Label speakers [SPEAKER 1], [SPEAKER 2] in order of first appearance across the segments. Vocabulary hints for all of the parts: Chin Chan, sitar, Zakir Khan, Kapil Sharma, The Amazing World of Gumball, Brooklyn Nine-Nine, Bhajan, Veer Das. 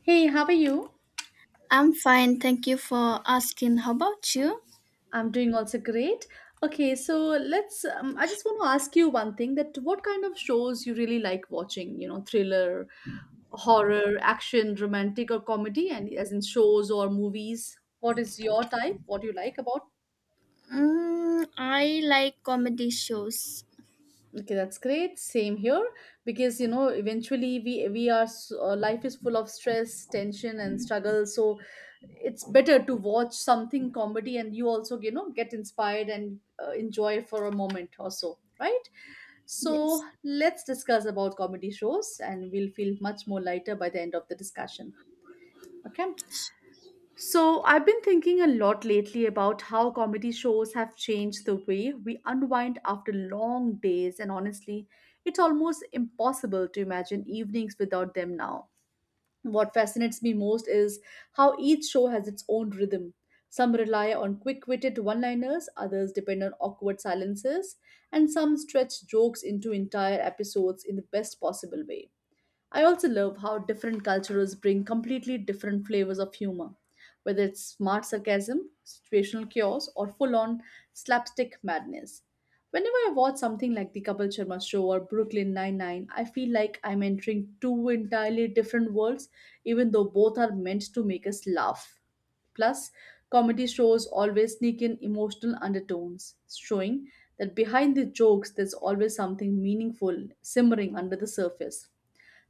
[SPEAKER 1] Hey, how are you?
[SPEAKER 2] I'm fine, thank you for asking. How about you?
[SPEAKER 1] I'm doing also great. Okay, so let's I just want to ask you one thing that what kind of shows you really like watching, thriller, horror, action, romantic or comedy and as in shows or movies? What is your type? What do you like about?
[SPEAKER 2] Mm, I like comedy shows.
[SPEAKER 1] Okay, that's great. Same here because eventually life is full of stress, tension and struggle. So it's better to watch something comedy and you also get inspired and enjoy for a moment or so, right? So
[SPEAKER 2] Yes.
[SPEAKER 1] let's discuss about comedy shows and we'll feel much more lighter by the end of the discussion. Okay. So I've been thinking a lot lately about how comedy shows have changed the way we unwind after long days, and honestly it's almost impossible to imagine evenings without them now. What fascinates me most is how each show has its own rhythm. Some rely on quick witted one liners, others depend on awkward silences, and some stretch jokes into entire episodes in the best possible way. I also love how different cultures bring completely different flavors of humor, whether it's smart sarcasm, situational chaos, or full on slapstick madness. Whenever I watch something like the Kapil Sharma show or Brooklyn Nine-Nine, I feel like I'm entering two entirely different worlds, even though both are meant to make us laugh. Plus, comedy shows always sneak in emotional undertones, showing that behind the jokes there's always something meaningful simmering under the surface.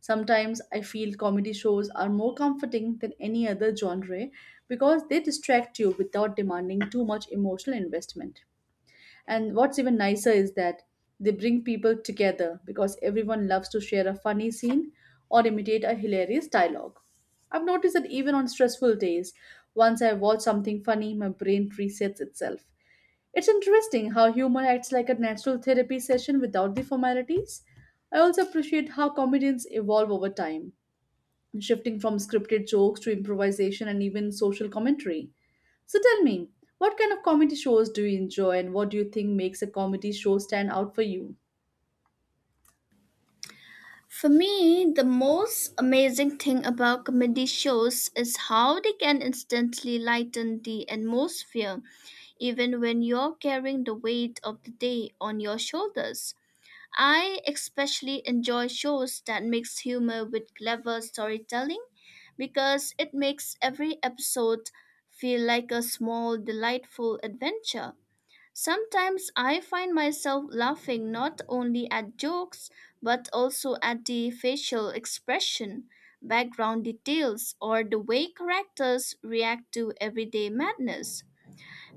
[SPEAKER 1] Sometimes I feel comedy shows are more comforting than any other genre because they distract you without demanding too much emotional investment. And what's even nicer is that they bring people together because everyone loves to share a funny scene or imitate a hilarious dialogue. I've noticed that even on stressful days, once I watch something funny, my brain resets itself. It's interesting how humor acts like a natural therapy session without the formalities. I also appreciate how comedians evolve over time, shifting from scripted jokes to improvisation and even social commentary. So tell me, what kind of comedy shows do you enjoy and what do you think makes a comedy show stand out for you?
[SPEAKER 2] For me, the most amazing thing about comedy shows is how they can instantly lighten the atmosphere, even when you're carrying the weight of the day on your shoulders. I especially enjoy shows that mix humor with clever storytelling because it makes every episode feel like a small delightful adventure. Sometimes I find myself laughing not only at jokes but also at the facial expression, background details, or the way characters react to everyday madness.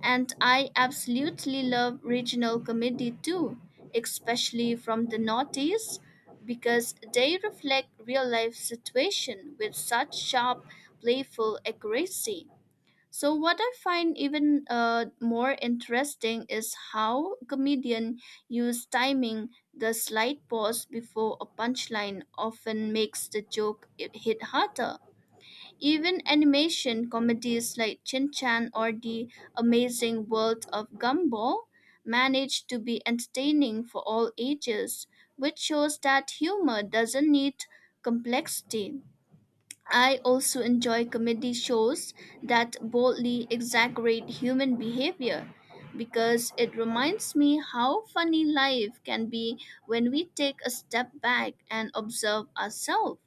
[SPEAKER 2] And I absolutely love regional comedy too, especially from the Northeast, because they reflect real life situation with such sharp, playful accuracy. So what I find even more interesting is how comedian use timing. The slight pause before a punchline often makes the hit harder. Even animation comedies like Chin Chan or The Amazing World of Gumball manage to be entertaining for all ages, which shows that humor doesn't need complexity. I also enjoy comedy shows that boldly exaggerate human behavior because it reminds me how funny life can be when we take a step back and observe ourselves.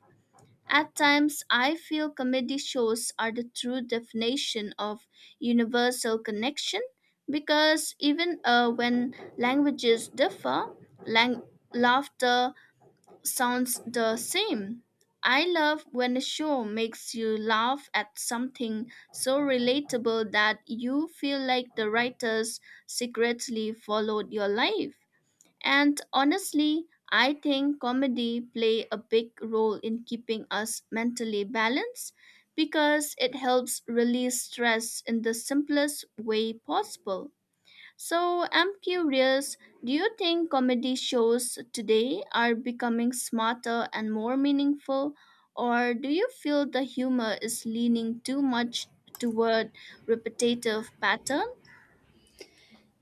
[SPEAKER 2] At times, I feel comedy shows are the true definition of universal connection because even when languages differ, lang- laughter sounds the same. I love when a show makes you laugh at something so relatable that you feel like the writers secretly followed your life. And honestly, I think comedy play a big role in keeping us mentally balanced because it helps release stress in the simplest way possible. So I'm curious, do you think comedy shows today are becoming smarter and more meaningful, or do you feel the humor is leaning too much toward repetitive patterns?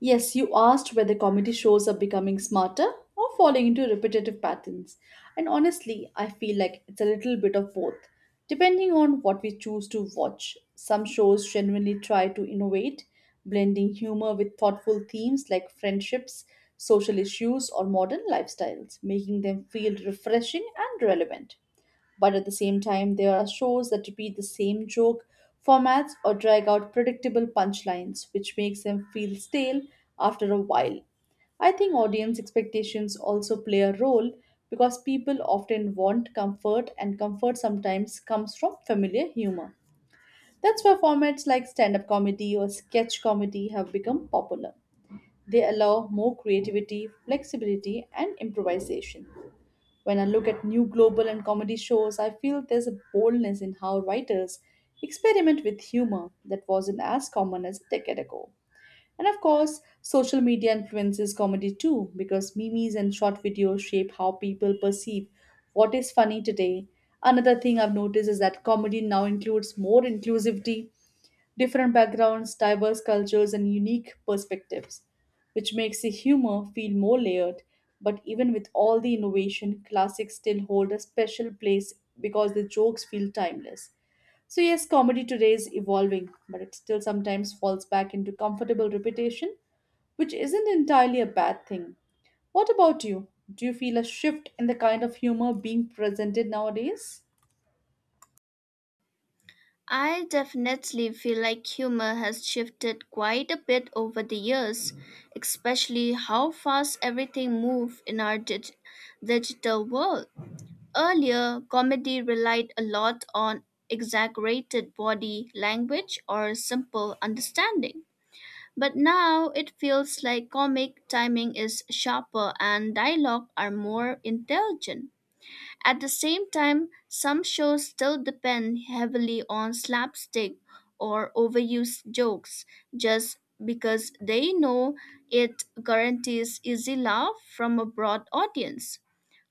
[SPEAKER 1] Yes, you asked whether comedy shows are becoming smarter or falling into repetitive patterns. And honestly, I feel like it's a little bit of both, depending on what we choose to watch. Some shows genuinely try to innovate, blending humor with thoughtful themes like friendships, social issues, or modern lifestyles, making them feel refreshing and relevant. But at the same time, there are shows that repeat the same joke formats or drag out predictable punchlines, which makes them feel stale after a while. I think audience expectations also play a role because people often want comfort, and comfort sometimes comes from familiar humor. That's why formats like stand up comedy or sketch comedy have become popular. They allow more creativity, flexibility, and improvisation. When I look at new global and comedy shows, I feel there's a boldness in how writers experiment with humor that wasn't as common as a decade ago. And of course, social media influences comedy too, because memes and short videos shape how people perceive what is funny today. Another thing I've noticed is that comedy now includes more inclusivity, different backgrounds, diverse cultures, and unique perspectives, which makes the humor feel more layered. But even with all the innovation, classics still hold a special place because the jokes feel timeless. So, yes, comedy today is evolving, but it still sometimes falls back into comfortable repetition, which isn't entirely a bad thing. What about you? Do you feel a shift in the kind of humor being presented nowadays?
[SPEAKER 2] I definitely feel like humor has shifted quite a bit over the years, especially how fast everything moves in our digital world. Earlier, comedy relied a lot on exaggerated body language or simple understanding. But now it feels like comic timing is sharper and dialogue are more intelligent. At the same time, some shows still depend heavily on slapstick or overused jokes just because they know it guarantees easy laugh from a broad audience.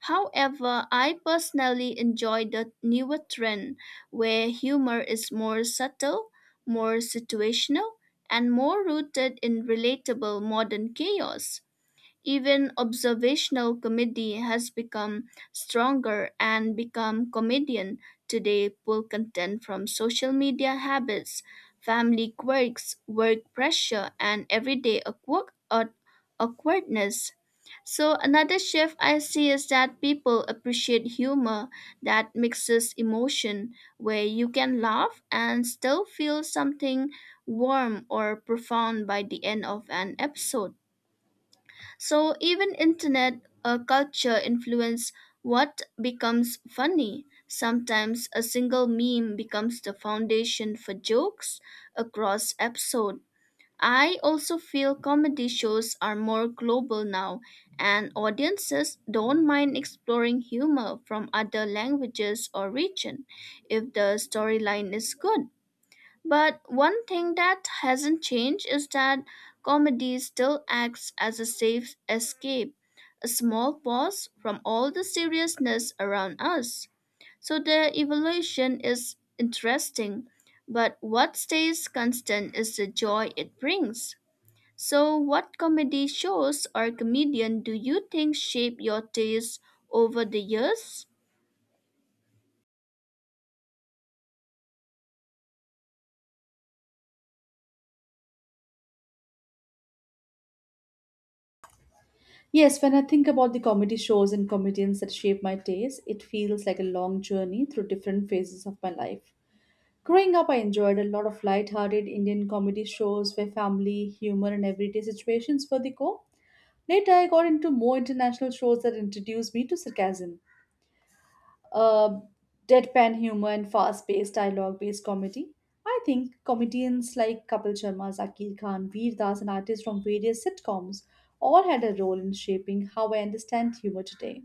[SPEAKER 2] However, I personally enjoy the newer trend where humor is more subtle, more situational, and more rooted in relatable modern chaos. Even observational comedy has become stronger and become comedian today pull content from social media habits, family quirks, work pressure, and everyday awkwardness. So another shift I see is that people appreciate humor that mixes emotion where you can laugh and still feel something warm or profound by the end of an episode. So even internet culture influence what becomes funny. Sometimes a single meme becomes the foundation for jokes across episode. I also feel comedy shows are more global now and audiences don't mind exploring humor from other languages or region if the storyline is good. But one thing that hasn't changed is that comedy still acts as a safe escape, a small pause from all the seriousness around us. So the evolution is interesting, but what stays constant is the joy it brings. So, what comedy shows or comedian do you think shape your taste over the years?
[SPEAKER 1] Yes, when I think about the comedy shows and comedians that shape my taste, it feels like a long journey through different phases of my life. Growing up, I enjoyed a lot of light-hearted Indian comedy shows where family, humor, and everyday situations were the core. Later, I got into more international shows that introduced me to sarcasm, uh, deadpan humor and fast-paced dialogue-based comedy. I think comedians like Kapil Sharma, Zakir Khan, Veer Das, and artists from various sitcoms all had a role in shaping how I understand humor today.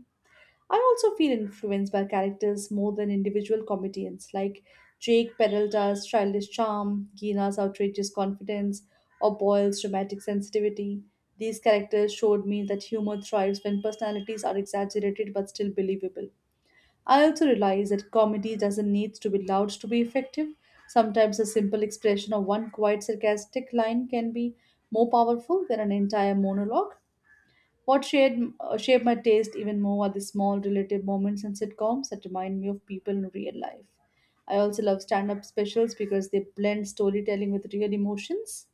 [SPEAKER 1] I also feel influenced by characters more than individual comedians, like Jake Peralta's childish charm, Gina's outrageous confidence, or Boyle's dramatic sensitivity. These characters showed me that humor thrives when personalities are exaggerated but still believable. I also realize that comedy doesn't need to be loud to be effective. Sometimes a simple expression of one quiet sarcastic line can be more powerful than an entire monologue. What shaped my taste even more are the small relative moments in sitcoms that remind me of people in real life. I also love stand up specials because they blend storytelling with real emotions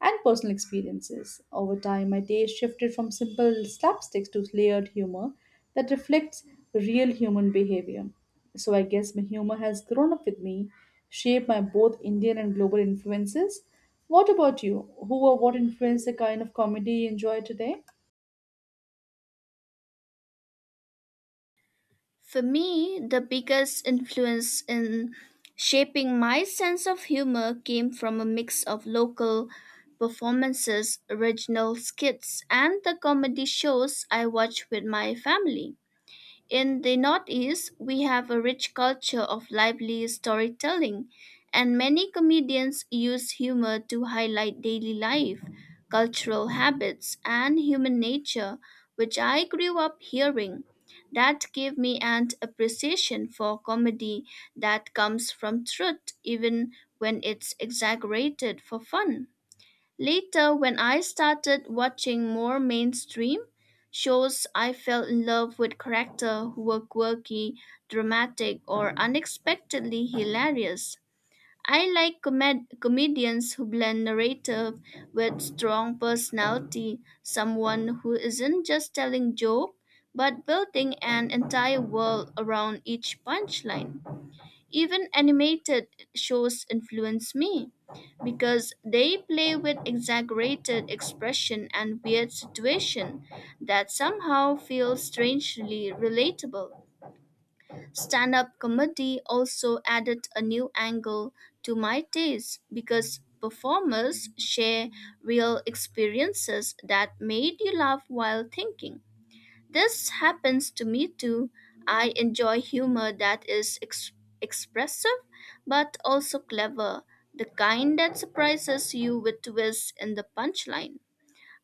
[SPEAKER 1] and personal experiences. Over time, my taste shifted from simple slapsticks to layered humor that reflects real human behavior. So I guess my humor has grown up with me, shaped by both Indian and global influences. What about you? Who or what influenced the kind of comedy you enjoy today?
[SPEAKER 2] For me, the biggest influence in shaping my sense of humor came from a mix of local performances, original skits, and the comedy shows I watched with my family. In the Northeast, we have a rich culture of lively storytelling, and many comedians use humor to highlight daily life, cultural habits, and human nature, which I grew up hearing. That gave me an appreciation for comedy that comes from truth, even when it's exaggerated for fun. Later, when I started watching more mainstream shows, I fell in love with characters who were quirky, dramatic, or unexpectedly hilarious. I like comedians who blend narrative with strong personality, someone who isn't just telling joke but building an entire world around each punchline. Even animated shows influence me because they play with exaggerated expression and weird situation that somehow feel strangely relatable. Stand-up comedy also added a new angle to my taste because performers share real experiences that made you laugh while thinking. This happens to me too. I enjoy humor that is expressive but also clever, the kind that surprises you with twists in the punchline.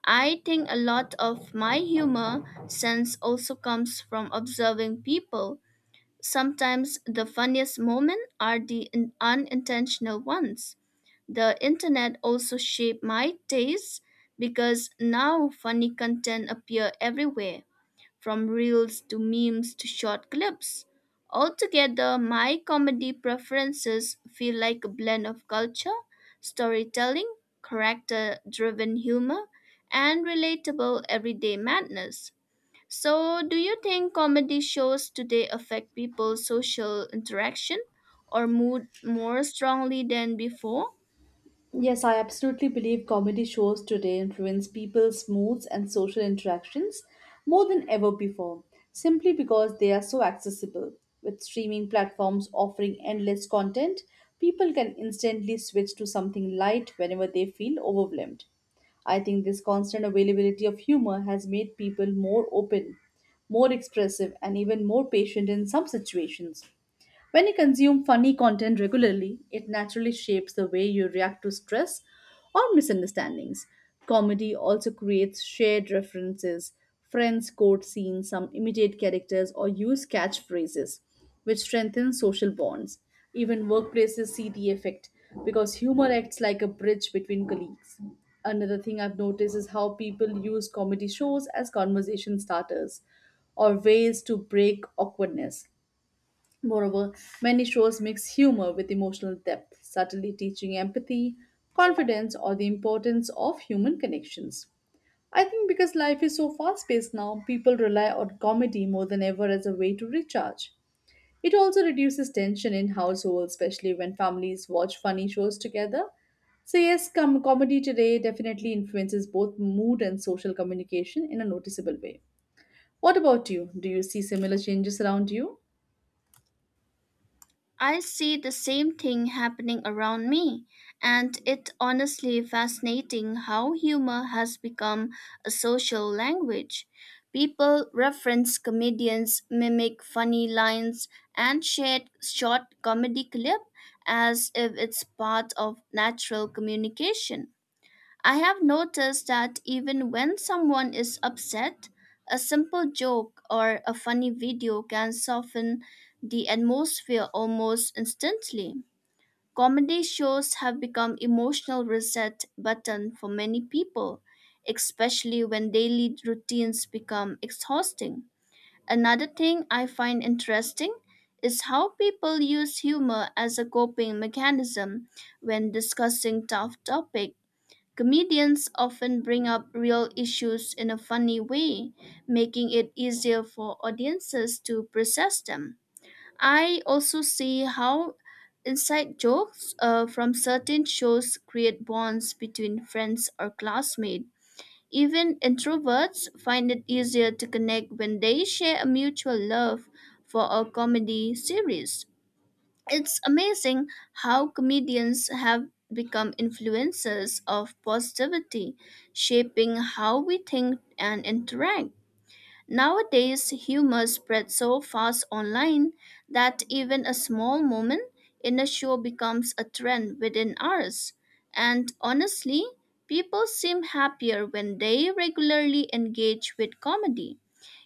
[SPEAKER 2] I think a lot of my humor sense also comes from observing people. Sometimes the funniest moments are the unintentional ones. The internet also shaped my taste because now funny content appear everywhere from reels to memes to short clips. Altogether, my comedy preferences feel like a blend of culture, storytelling, character driven humor, and relatable everyday madness. So, do you think comedy shows today affect people's social interaction or mood more strongly than before?
[SPEAKER 1] Yes, I absolutely believe comedy shows today influence people's moods and social interactions more than ever before, simply because they are so accessible. With streaming platforms offering endless content, people can instantly switch to something light whenever they feel overwhelmed. I think this constant availability of humor has made people more open, more expressive, and even more patient in some situations. When you consume funny content regularly, it naturally shapes the way you react to stress or misunderstandings. Comedy also creates shared references. Friends quote scenes, some imitate characters, or use catchphrases, which strengthens social bonds. Even workplaces see the effect because humor acts like a bridge between colleagues. Another thing I've noticed is how people use comedy shows as conversation starters or ways to break awkwardness. Moreover, many shows mix humor with emotional depth, subtly teaching empathy, confidence, or the importance of human connections. I think because life is so fast paced now, people rely on comedy more than ever as a way to recharge. It also reduces tension in households, especially when families watch funny shows together. So, yes, comedy today definitely influences both mood and social communication in a noticeable way. What about you? Do you see similar changes around you?
[SPEAKER 2] I see the same thing happening around me, and it's honestly fascinating how humor has become a social language. People reference comedians, mimic funny lines, and share short comedy clip as if it's part of natural communication. I have noticed that even when someone is upset, a simple joke or a funny video can soften the atmosphere almost instantly. Comedy shows have become emotional reset button for many people, especially when daily routines become exhausting. Another thing I find interesting is how people use humor as a coping mechanism when discussing tough topics. Comedians often bring up real issues in a funny way, making it easier for audiences to process them. I also see how inside jokes from certain shows create bonds between friends or classmates. Even introverts find it easier to connect when they share a mutual love for a comedy series. It's amazing how comedians have become influencers of positivity, shaping how we think and interact. Nowadays, humor spreads so fast online that even a small moment in a show becomes a trend within hours. And honestly, people seem happier when they regularly engage with comedy.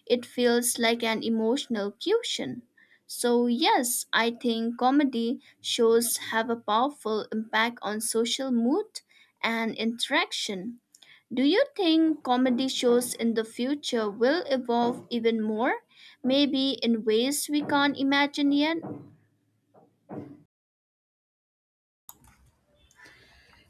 [SPEAKER 2] It feels like an emotional cushion. So, yes, I think comedy shows have a powerful impact on social mood and interaction. Do you think comedy shows in the future will evolve even more, maybe in ways we can't imagine yet?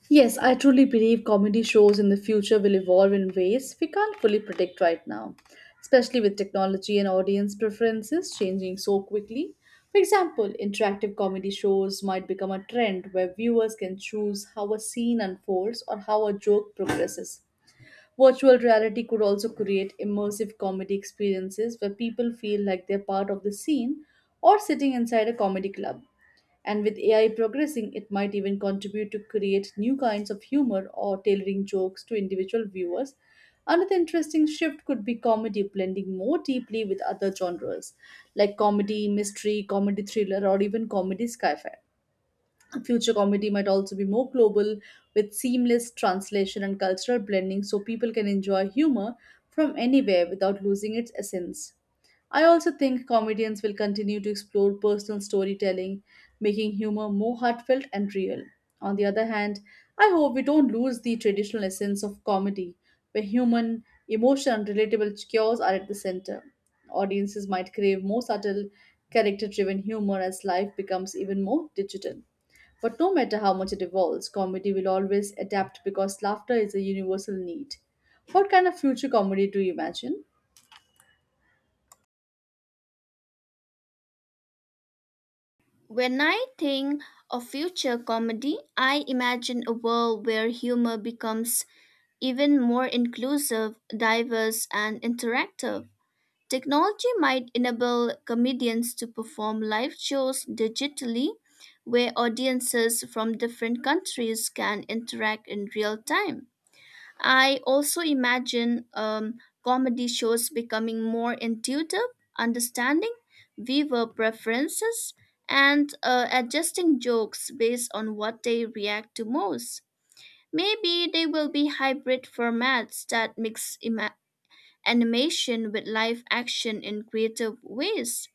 [SPEAKER 1] Yes, I truly believe comedy shows in the future will evolve in ways we can't fully predict right now, especially with technology and audience preferences changing so quickly. For example, interactive comedy shows might become a trend where viewers can choose how a scene unfolds or how a joke progresses. Virtual reality could also create immersive comedy experiences where people feel like they're part of the scene or sitting inside a comedy club. And with AI progressing, it might even contribute to create new kinds of humor or tailoring jokes to individual viewers. Another interesting shift could be comedy blending more deeply with other genres like comedy mystery, comedy thriller, or even comedy sci fi. Future comedy might also be more global, with seamless translation and cultural blending so people can enjoy humor from anywhere without losing its essence. I also think comedians will continue to explore personal storytelling, making humor more heartfelt and real. On the other hand, I hope we don't lose the traditional essence of comedy, where human, emotion, and relatable cures are at the center. Audiences might crave more subtle, character driven humor as life becomes even more digital. But no matter how much it evolves, comedy will always adapt because laughter is a universal need. What kind of future comedy do you imagine?
[SPEAKER 2] When I think of future comedy, I imagine a world where humor becomes even more inclusive, diverse, and interactive. Technology might enable comedians to perform live shows digitally, where audiences from different countries can interact in real time. I also imagine comedy shows becoming more intuitive, understanding viewer preferences, and adjusting jokes based on what they react to most. Maybe they will be hybrid formats that mix animation with live action in creative ways.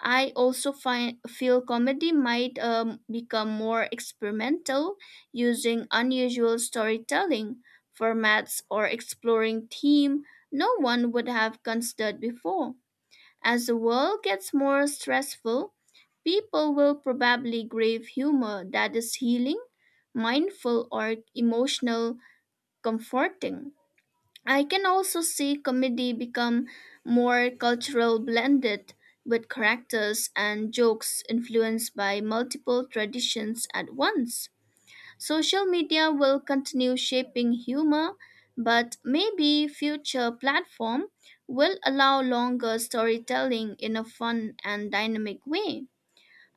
[SPEAKER 2] I also find feel comedy might become more experimental, using unusual storytelling formats or exploring theme no one would have considered before. As the world gets more stressful, people will probably crave humor that is healing, mindful, or emotional comforting. I can also see comedy become more cultural blended with characters and jokes influenced by multiple traditions at once. Social media will continue shaping humor, but maybe future platform will allow longer storytelling in a fun and dynamic way.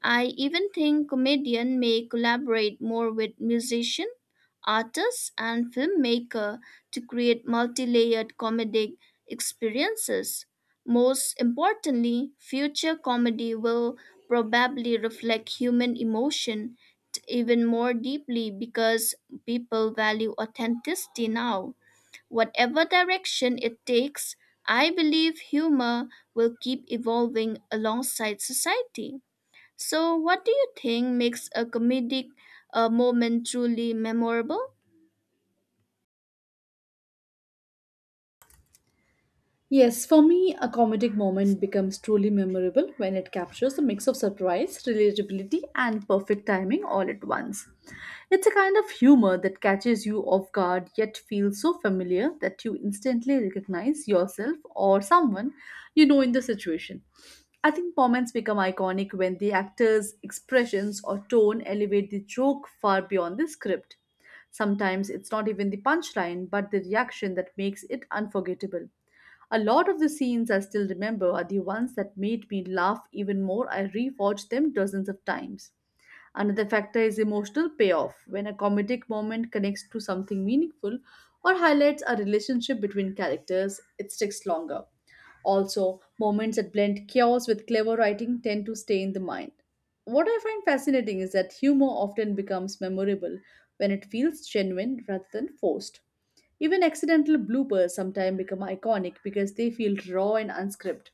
[SPEAKER 2] I even think comedians may collaborate more with musicians, artists, and filmmakers to create multi-layered comedic experiences. Most importantly, future comedy will probably reflect human emotion even more deeply because people value authenticity now. Whatever direction it takes, I believe humor will keep evolving alongside society. So, what do you think makes a comedic moment truly memorable?
[SPEAKER 1] Yes, for me, a comedic moment becomes truly memorable when it captures a mix of surprise, relatability, and perfect timing all at once. It's a kind of humor that catches you off guard yet feels so familiar that you instantly recognize yourself or someone you know in the situation. I think moments become iconic when the actor's expressions or tone elevate the joke far beyond the script. Sometimes it's not even the punchline, but the reaction that makes it unforgettable. A lot of the scenes I still remember are the ones that made me laugh even more. I rewatched them dozens of times. Another factor is emotional payoff. When a comedic moment connects to something meaningful or highlights a relationship between characters, it sticks longer. Also, moments that blend chaos with clever writing tend to stay in the mind. What I find fascinating is that humor often becomes memorable when it feels genuine rather than forced. Even accidental bloopers sometimes become iconic because they feel raw and unscripted.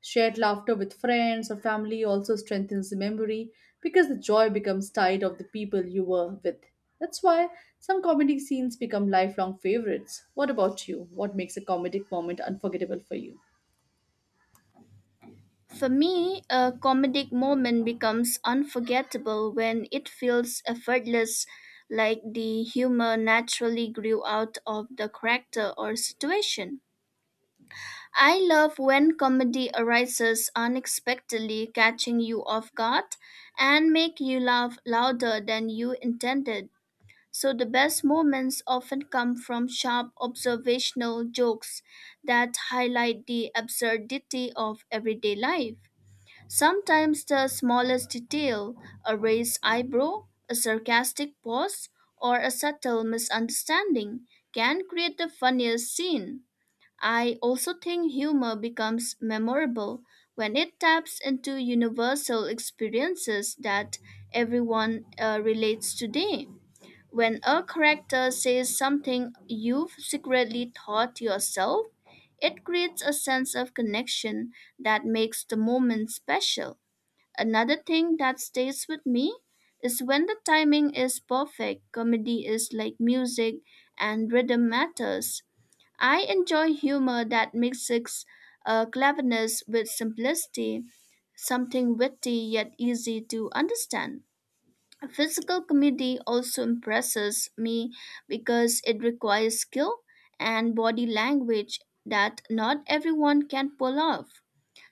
[SPEAKER 1] Shared laughter with friends or family also strengthens the memory because the joy becomes tied of the people you were with. That's why some comedic scenes become lifelong favorites. What about you? What makes a comedic moment unforgettable for you?
[SPEAKER 2] For me, a comedic moment becomes unforgettable when it feels effortless, like the humor naturally grew out of the character or situation. I love when comedy arises unexpectedly, catching you off guard and make you laugh louder than you intended. So the best moments often come from sharp observational jokes that highlight the absurdity of everyday life. Sometimes the smallest detail, a raised eyebrow, a sarcastic pause, or a subtle misunderstanding, can create the funniest scene. I also think humor becomes memorable when it taps into universal experiences that everyone relates today. When a character says something you've secretly thought yourself, it creates a sense of connection that makes the moment special. Another thing that stays with me is when the timing is perfect, comedy is like music and rhythm matters. I enjoy humor that mixes cleverness with simplicity, something witty yet easy to understand. Physical comedy also impresses me because it requires skill and body language that not everyone can pull off.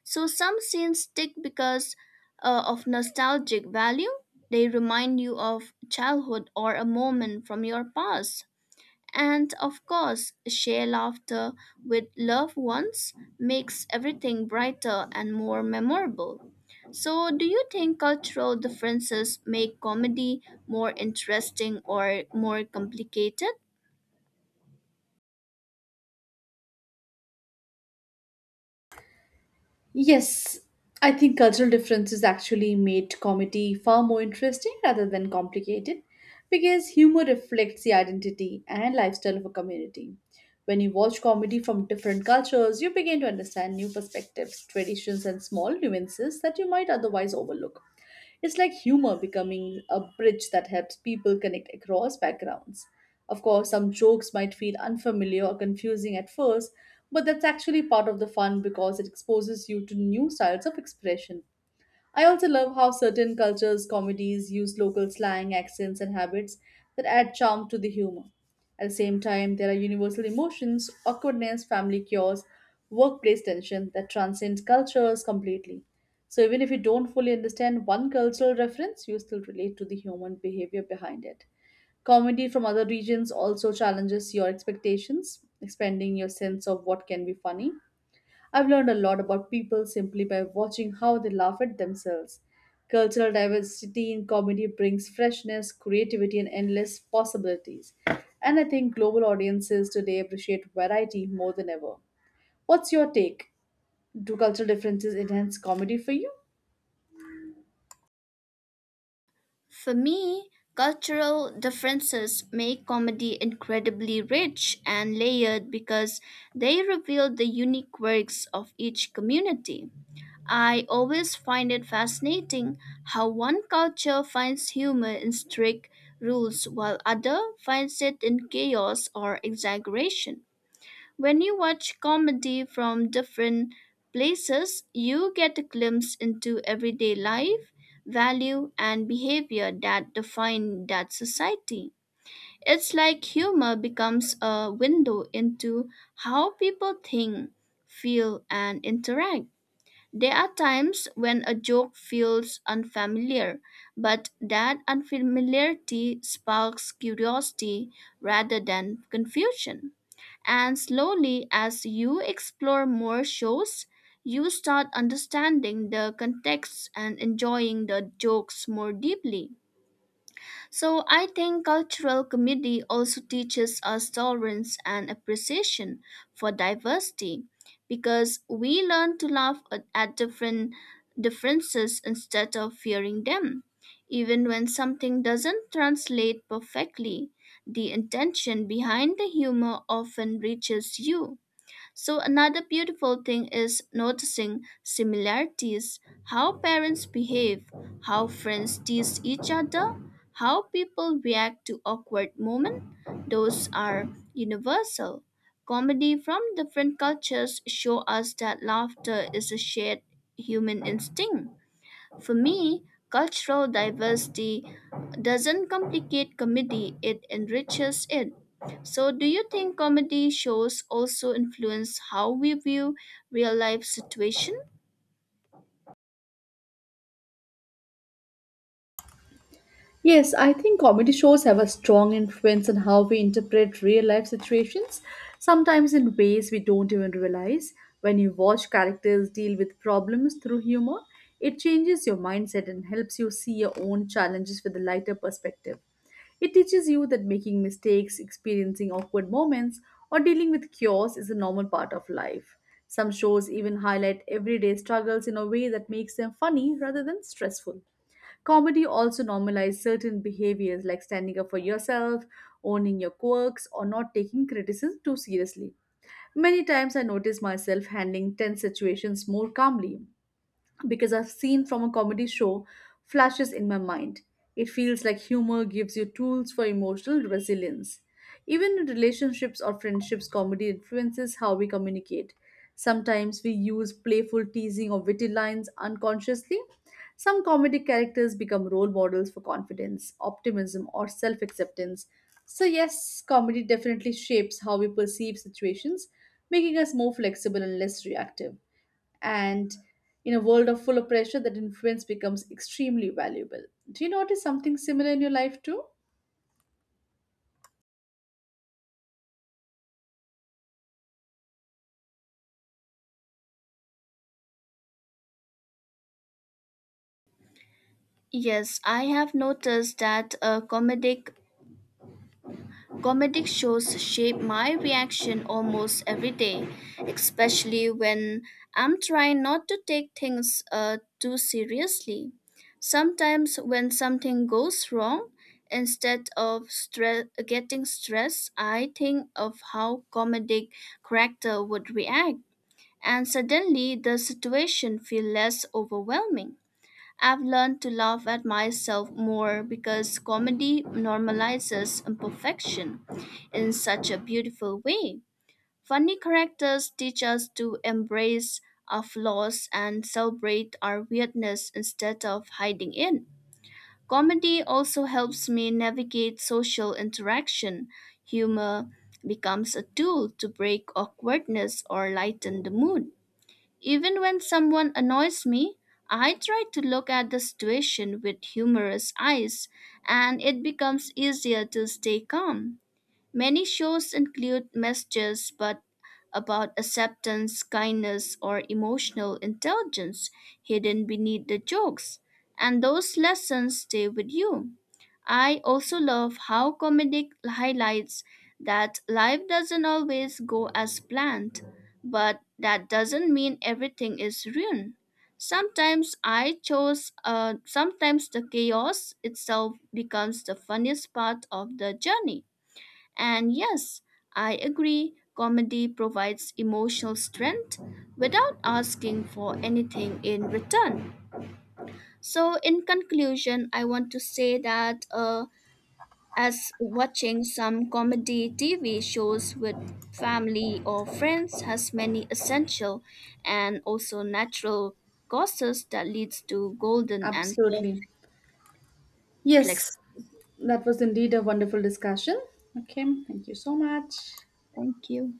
[SPEAKER 2] So some scenes stick because of nostalgic value. They remind you of childhood or a moment from your past. And of course, share laughter with loved ones makes everything brighter and more memorable. So, do you think cultural differences make comedy more interesting or more complicated?
[SPEAKER 1] Yes, I think cultural differences actually made comedy far more interesting rather than complicated because humor reflects the identity and lifestyle of a community. When you watch comedy from different cultures, you begin to understand new perspectives, traditions, and small nuances that you might otherwise overlook. It's like humor becoming a bridge that helps people connect across backgrounds. Of course, some jokes might feel unfamiliar or confusing at first, but that's actually part of the fun because it exposes you to new styles of expression. I also love how certain cultures' comedies use local slang, accents, and habits that add charm to the humor. At the same time, there are universal emotions, awkwardness, family cures, workplace tension that transcends cultures completely. So even if you don't fully understand one cultural reference, you still relate to the human behavior behind it. Comedy from other regions also challenges your expectations, expanding your sense of what can be funny. I've learned a lot about people simply by watching how they laugh at themselves. Cultural diversity in comedy brings freshness, creativity, and endless possibilities. And I think global audiences today appreciate variety more than ever. What's your take? Do cultural differences enhance comedy for you?
[SPEAKER 2] For me, cultural differences make comedy incredibly rich and layered because they reveal the unique works of each community. I always find it fascinating how one culture finds humor in strict rules while other finds it in chaos or exaggeration. When you watch comedy from different places, you get a glimpse into everyday life, value, and behavior that define that society. It's like humor becomes a window into how people think, feel, and interact. There are times when a joke feels unfamiliar, but that unfamiliarity sparks curiosity rather than confusion. And slowly, as you explore more shows, you start understanding the context and enjoying the jokes more deeply. So I think cultural comedy also teaches us tolerance and appreciation for diversity because we learn to laugh at different differences instead of fearing them. Even when something doesn't translate perfectly, the intention behind the humor often reaches you. So, another beautiful thing is noticing similarities: how parents behave, how friends tease each other, how people react to awkward moments. Those are universal. Comedy from different cultures show us that laughter is a shared human instinct. For me, cultural diversity doesn't complicate comedy, it enriches it. So, do you think comedy shows also influence how we view real life situation?
[SPEAKER 1] Yes, I think comedy shows have a strong influence on how we interpret real life situations, sometimes in ways we don't even realize. When you watch characters deal with problems through humor, it changes your mindset and helps you see your own challenges with a lighter perspective. It teaches you that making mistakes, experiencing awkward moments, or dealing with chaos is a normal part of life. Some shows even highlight everyday struggles in a way that makes them funny rather than stressful. Comedy also normalizes certain behaviors like standing up for yourself, owning your quirks, or not taking criticism too seriously. Many times I notice myself handling tense situations more calmly, because I've seen from a comedy show flashes in my mind. It feels like humor gives you tools for emotional resilience. Even in relationships or friendships, comedy influences how we communicate. Sometimes we use playful teasing or witty lines unconsciously. Some comedic characters become role models for confidence, optimism, or self acceptance. So, yes, comedy definitely shapes how we perceive situations, making us more flexible and less reactive. And in a world of full of pressure, that influence becomes extremely valuable. Do you notice something similar in your life too?
[SPEAKER 2] Yes, I have noticed that a comedic comedic shows shape my reaction almost every day, especially when I'm trying not to take things too seriously. Sometimes, when something goes wrong, instead of getting stressed, I think of how comedic character would react, and suddenly the situation feels less overwhelming. I've learned to laugh at myself more because comedy normalizes imperfection in such a beautiful way. Funny characters teach us to embrace our flaws and celebrate our weirdness instead of hiding it. Comedy also helps me navigate social interaction. Humor becomes a tool to break awkwardness or lighten the mood. Even when someone annoys me, I try to look at the situation with humorous eyes, and it becomes easier to stay calm. Many shows include messages but about acceptance, kindness, or emotional intelligence hidden beneath the jokes, and those lessons stay with you. I also love how comedic highlights that life doesn't always go as planned, but that doesn't mean everything is ruined. Sometimes I chose Sometimes the chaos itself becomes the funniest part of the journey. And yes, I agree, comedy provides emotional strength without asking for anything in return. So, in conclusion, I want to say that as watching some comedy TV shows with family or friends has many essential and also natural causes that leads to golden and
[SPEAKER 1] Absolutely.
[SPEAKER 2] perfect
[SPEAKER 1] Yes.
[SPEAKER 2] flex.
[SPEAKER 1] That was indeed a wonderful discussion. Okay, thank you so much.
[SPEAKER 2] Thank you.